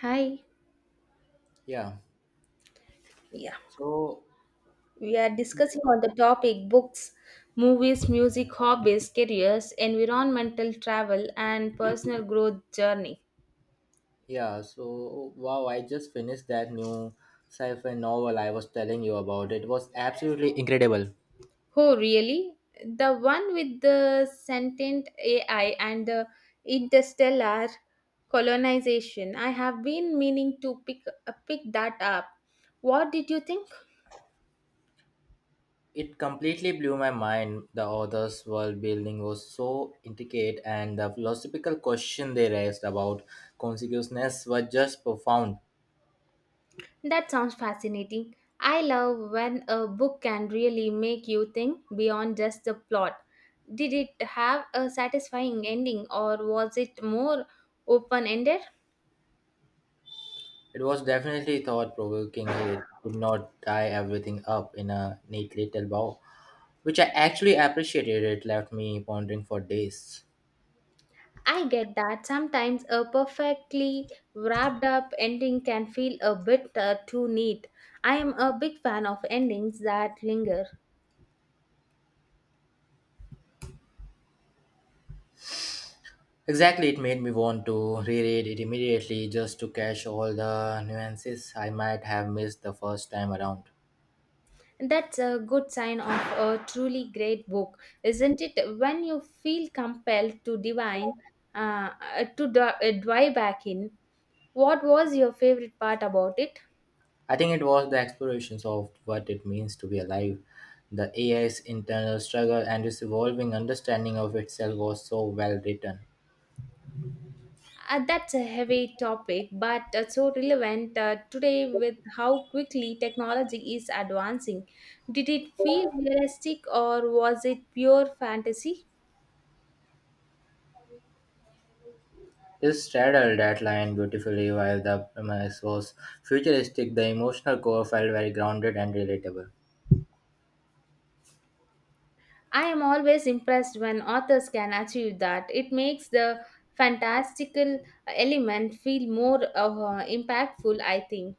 Hi. Yeah. Yeah, So we are discussing on the topic books, movies, music, hobbies, careers, environmental travel, and personal growth journey. yeah, so I just finished that new sci-fi novel I was telling you about. It was absolutely incredible. Oh, really? The one with the sentient AI and the interstellar colonization. I have been meaning to pick that up. What did you think? It completely blew my mind. The author's world building was so intricate and the philosophical question they raised about consciousness were just profound. That sounds fascinating. I love when a book can really make you think beyond just the plot. Did it have a satisfying ending or was it more open ended? It was definitely thought provoking. It did not tie everything up in a neat little bow, which I actually appreciated. It left me pondering for days. I get that sometimes a perfectly wrapped up ending can feel a bit too neat. I am a big fan of endings that linger. Exactly, it made me want to reread it immediately just to catch all the nuances I might have missed the first time around. That's a good sign of a truly great book, isn't it? When you feel compelled to dive back in, what was your favorite part about it? I think it was the explorations of what it means to be alive, the AI's internal struggle, and its evolving understanding of itself was so well written. That's a heavy topic, but so relevant today with how quickly technology is advancing. Did it feel realistic or was it pure fantasy? It straddled that line beautifully while the premise was futuristic, the emotional core felt very grounded and relatable. I am always impressed when authors can achieve that. It makes the fantastical element feel more impactful, I think.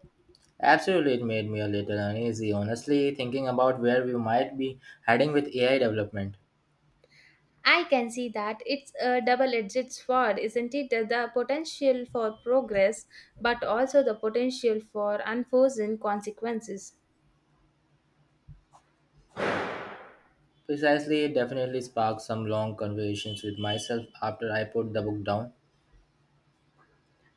Absolutely, it made me a little uneasy, honestly, thinking about where we might be heading with AI development. I can see that it's a double edged sword, isn't it? The potential for progress, but also the potential for unforeseen consequences. Precisely, it definitely sparked some long conversations with myself after I put the book down.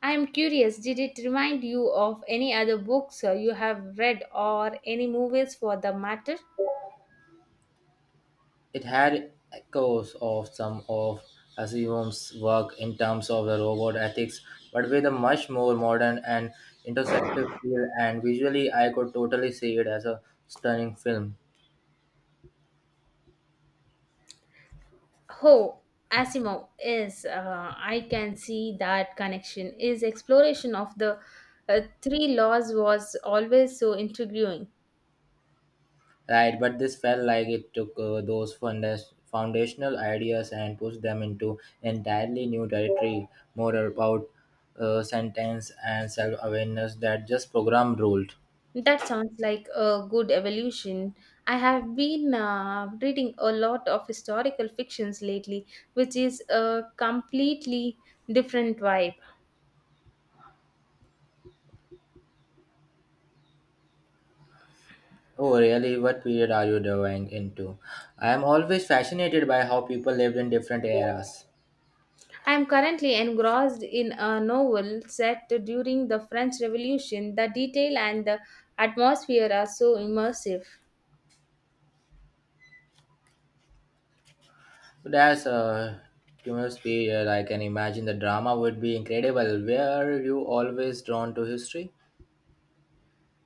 I am curious, did it remind you of any other books you have read or any movies for the matter? It had echoes of some of Asimov's work in terms of the robot ethics, but with a much more modern and intersective feel. And visually, I could totally see it as a stunning film. Oh, Asimov is. I can see that connection. His exploration of the three laws was always so intriguing. Right, but this felt like it took those foundational ideas and pushed them into entirely new territory, more about sentence and self awareness that just program ruled. That sounds like a good evolution. I have been reading a lot of historical fictions lately, which is a completely different vibe. Oh, really? What period are you diving into? I am always fascinated by how people lived in different eras. I am currently engrossed in a novel set during the French Revolution. The detail and the atmosphere are so immersive. That's a tumultuous period. I can imagine the drama would be incredible. Were you always drawn to history?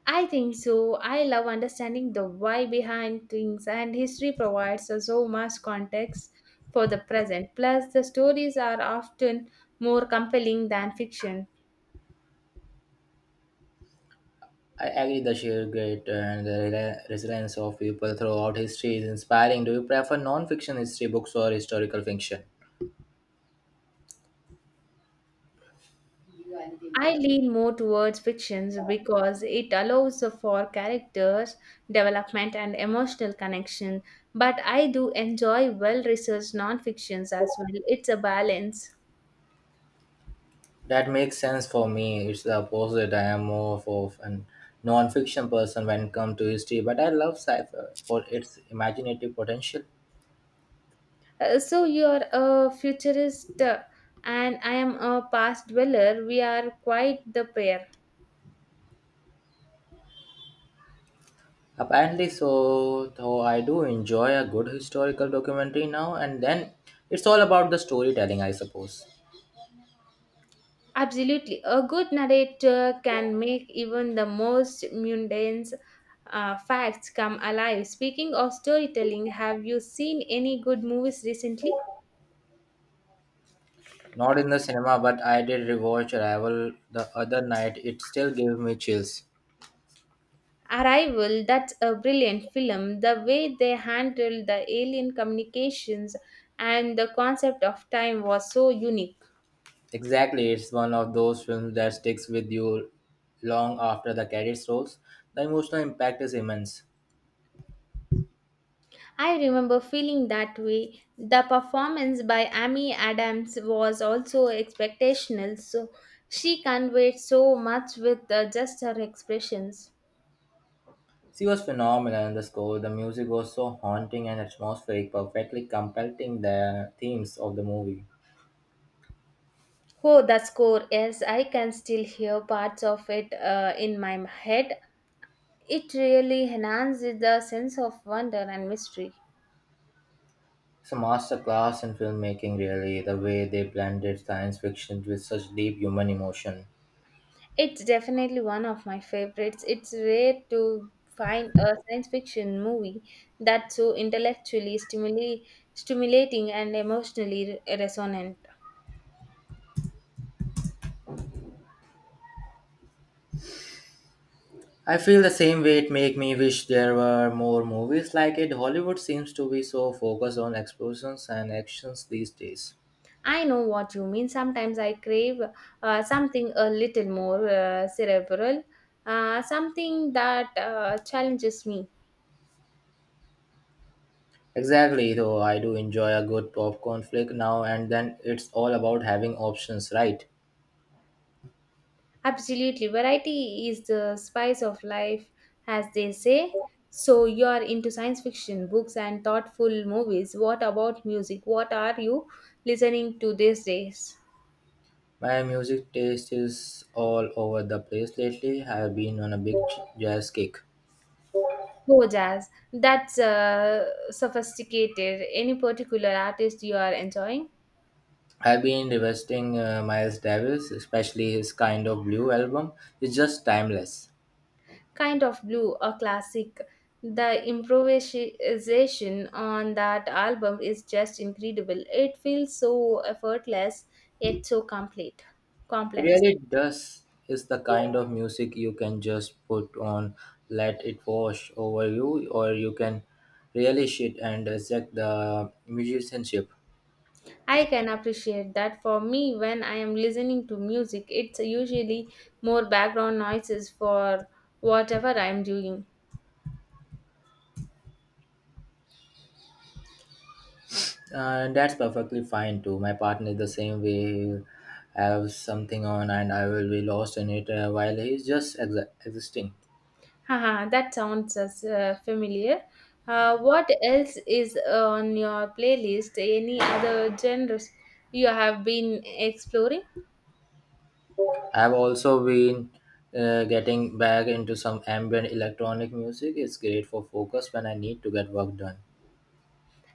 I think so. I love understanding the why behind things, and history provides us so much context for the present. Plus, the stories are often more compelling than fiction. I agree the sheer grit and the resilience of people throughout history is inspiring. Do you prefer non-fiction history books or historical fiction? I lean more towards fictions because it allows for characters development and emotional connection. But I do enjoy well-researched non-fictions as well. It's a balance. That makes sense for me. It's the opposite. I am more of a non-fiction person when it comes to history, but I love sci-fi for its imaginative potential. So you're a futurist and I am a past dweller. We are quite the pair. Apparently, so though I do enjoy a good historical documentary now and then. It's all about the storytelling, I suppose. Absolutely. A good narrator can make even the most mundane facts come alive. Speaking of storytelling, have you seen any good movies recently? Not in the cinema, but I did rewatch Arrival the other night. It still gave me chills. Arrival, that's a brilliant film. The way they handled the alien communications and the concept of time was so unique. Exactly, it's one of those films that sticks with you long after the credits rolls. The emotional impact is immense. I remember feeling that way. The performance by Amy Adams was also expectational, so she conveyed so much with just her expressions. She was phenomenal in the score. The music was so haunting and atmospheric, perfectly completing the themes of the movie. Oh, the score, yes, I can still hear parts of it in my head. It really enhances the sense of wonder and mystery. It's a masterclass in filmmaking, really, the way they blended science fiction with such deep human emotion. It's definitely one of my favorites. It's rare to find a science fiction movie that's so stimulating and resonant. I feel the same way. It make me wish there were more movies like it. Hollywood seems to be so focused on explosions and actions these days. I know what you mean. Sometimes I crave something a little more cerebral, something that challenges me. Exactly, though I do enjoy a good popcorn flick now and then. It's all about having options, right? Absolutely. Variety is the spice of life, as they say. So, you're into science fiction, books, and thoughtful movies. What about music? What are you listening to these days? My music taste is all over the place lately. I've been on a big jazz kick. Oh, jazz. That's sophisticated. Any particular artist you are enjoying? I've been revisiting Miles Davis, especially his kind of blue album. It's just timeless. Kind of Blue, a classic. The improvisation on that album is just incredible. It feels so effortless, yet so It complex. really does is the kind of music you can just put on, let it wash over you, or you can really shit and dissect the musicianship. I can appreciate that for me when I am listening to music, it's usually more background noises for whatever I am doing. And that's perfectly fine too. My partner is the same way. I have something on and I will be lost in it, while he's just existing. Haha, that sounds familiar. What else is on your playlist? Any other genres you have been exploring? I've also been getting back into some ambient electronic music. It's great for focus when I need to get work done.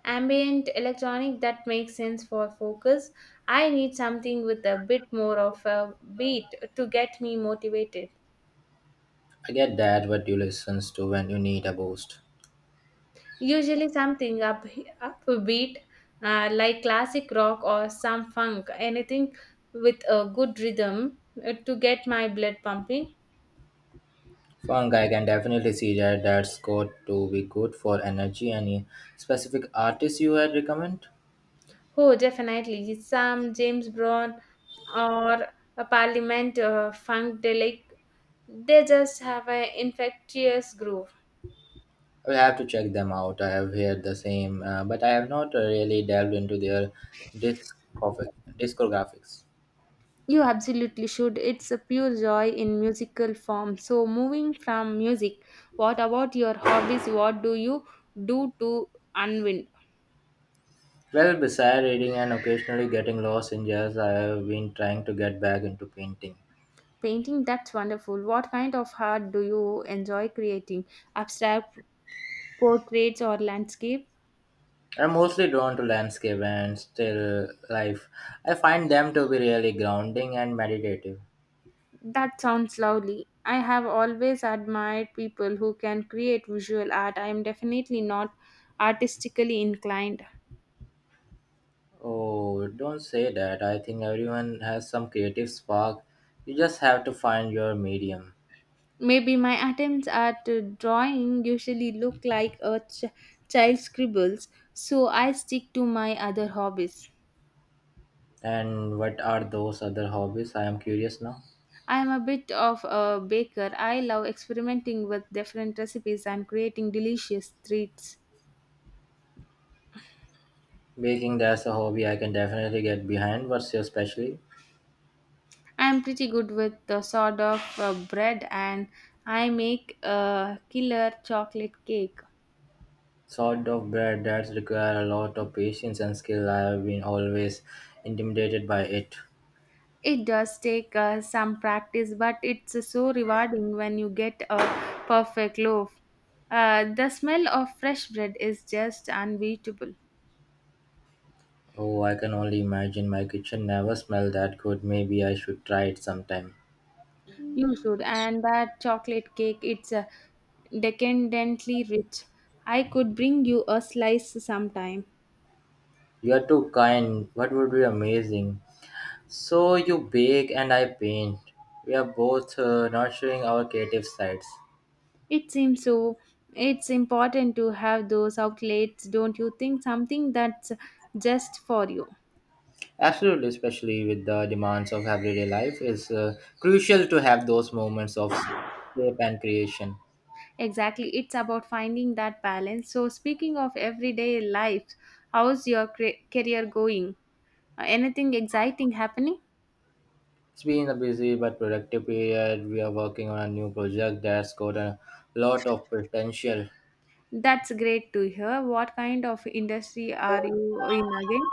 Ambient electronic that makes sense for focus. I need something with a bit more of a beat to get me motivated. I get that. What you listen to when you need a boost? Usually something up upbeat like classic rock or some funk, anything with a good rhythm to get my blood pumping. Funk, I can definitely see that. That's got to be good for energy. Any specific artists you had recommend? Oh, definitely some James Brown or a Parliament funkadelic. They just have an infectious groove. I will have to check them out. I have heard the same, but I have not really delved into their discographic, discographics. You absolutely should. It's a pure joy in musical form. So, moving from music, what about your hobbies? What do you do to unwind? Well, besides reading and occasionally getting lost in jazz, I have been trying to get back into painting. Painting, that's wonderful. What kind of art do you enjoy creating? Abstract portraits or landscape? I'm mostly drawn to landscape and still life. I find them to be really grounding and meditative. That sounds lovely. I have always admired people who can create visual art. I am definitely not artistically inclined. Oh, don't say that. I think everyone has some creative spark. You just have to find your medium. Maybe my attempts at drawing usually look like a child's scribbles, so I stick to my other hobbies. And what are those other hobbies? I am curious now. I am a bit of a baker. I love experimenting with different recipes and creating delicious treats. Baking, that's a hobby I can definitely get behind. What's your specialty? I am pretty good with the sort of bread and I make a killer chocolate cake. Sort of bread that require a lot of patience and skill. I have been always intimidated by it. It does take some practice, but it's so rewarding when you get a perfect loaf. The smell of fresh bread is just unbeatable. Oh, I can only imagine. My kitchen never smelled that good. Maybe I should try it sometime. You should, and that chocolate cake, it's decadently rich. I could bring you a slice sometime. You are too kind. What would be amazing? So you bake and I paint. We are both nurturing our creative sides. It seems so. It's important to have those outlets, don't you think? Something that's just for you. Absolutely, especially with the demands of everyday life, it's crucial to have those moments of escape and creation. Exactly, it's about finding that balance. So, speaking of everyday life, how's your career going? Anything exciting happening? It's been a busy but productive period. We are working on a new project that's got a lot of potential. That's great to hear. What kind of industry are you in again?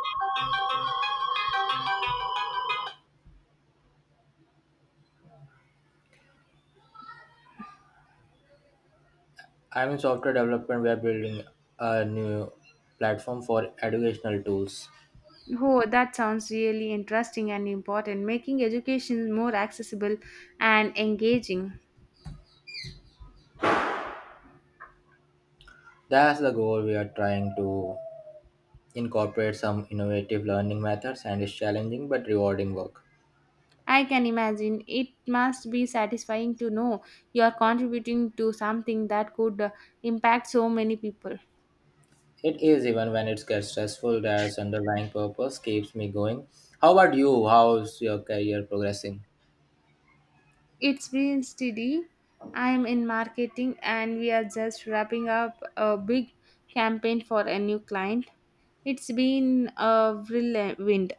I'm in software development. We are building a new platform for educational tools. Oh, that sounds really interesting and important, making education more accessible and engaging. That's the goal. We are trying to incorporates some innovative learning methods and is challenging but rewarding work. I can imagine it must be satisfying to know you are contributing to something that could impact so many people. It is. Even when it gets stressful, there's underlying purpose keeps me going. How about you? How's your career progressing? It's been steady. I'm in marketing and we are just wrapping up a big campaign for a new client. It's been a whirlwind.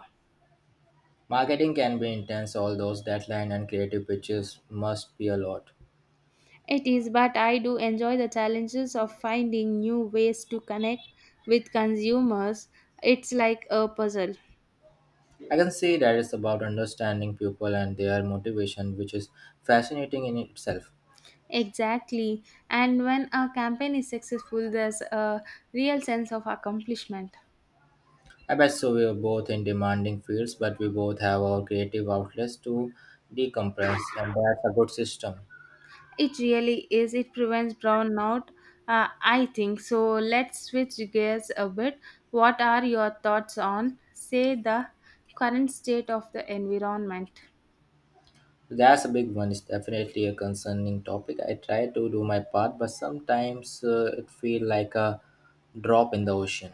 Marketing can be intense, all those deadline and creative pitches must be a lot. It is, but I do enjoy the challenges of finding new ways to connect with consumers. It's like a puzzle. I can see that. It's about understanding people and their motivation, which is fascinating in itself. Exactly. And when a campaign is successful, there's a real sense of accomplishment. I bet. So we are both in demanding fields, but we both have our creative outlets to decompress, and that's a good system. It really is. It prevents brownout, I think. So let's switch gears a bit. What are your thoughts on, say, the current state of the environment? That's a big one. It's definitely a concerning topic. I try to do my part, but sometimes it feels like a drop in the ocean.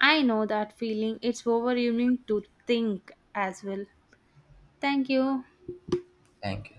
I know that feeling. It's overwhelming to think as well. Thank you. Thank you.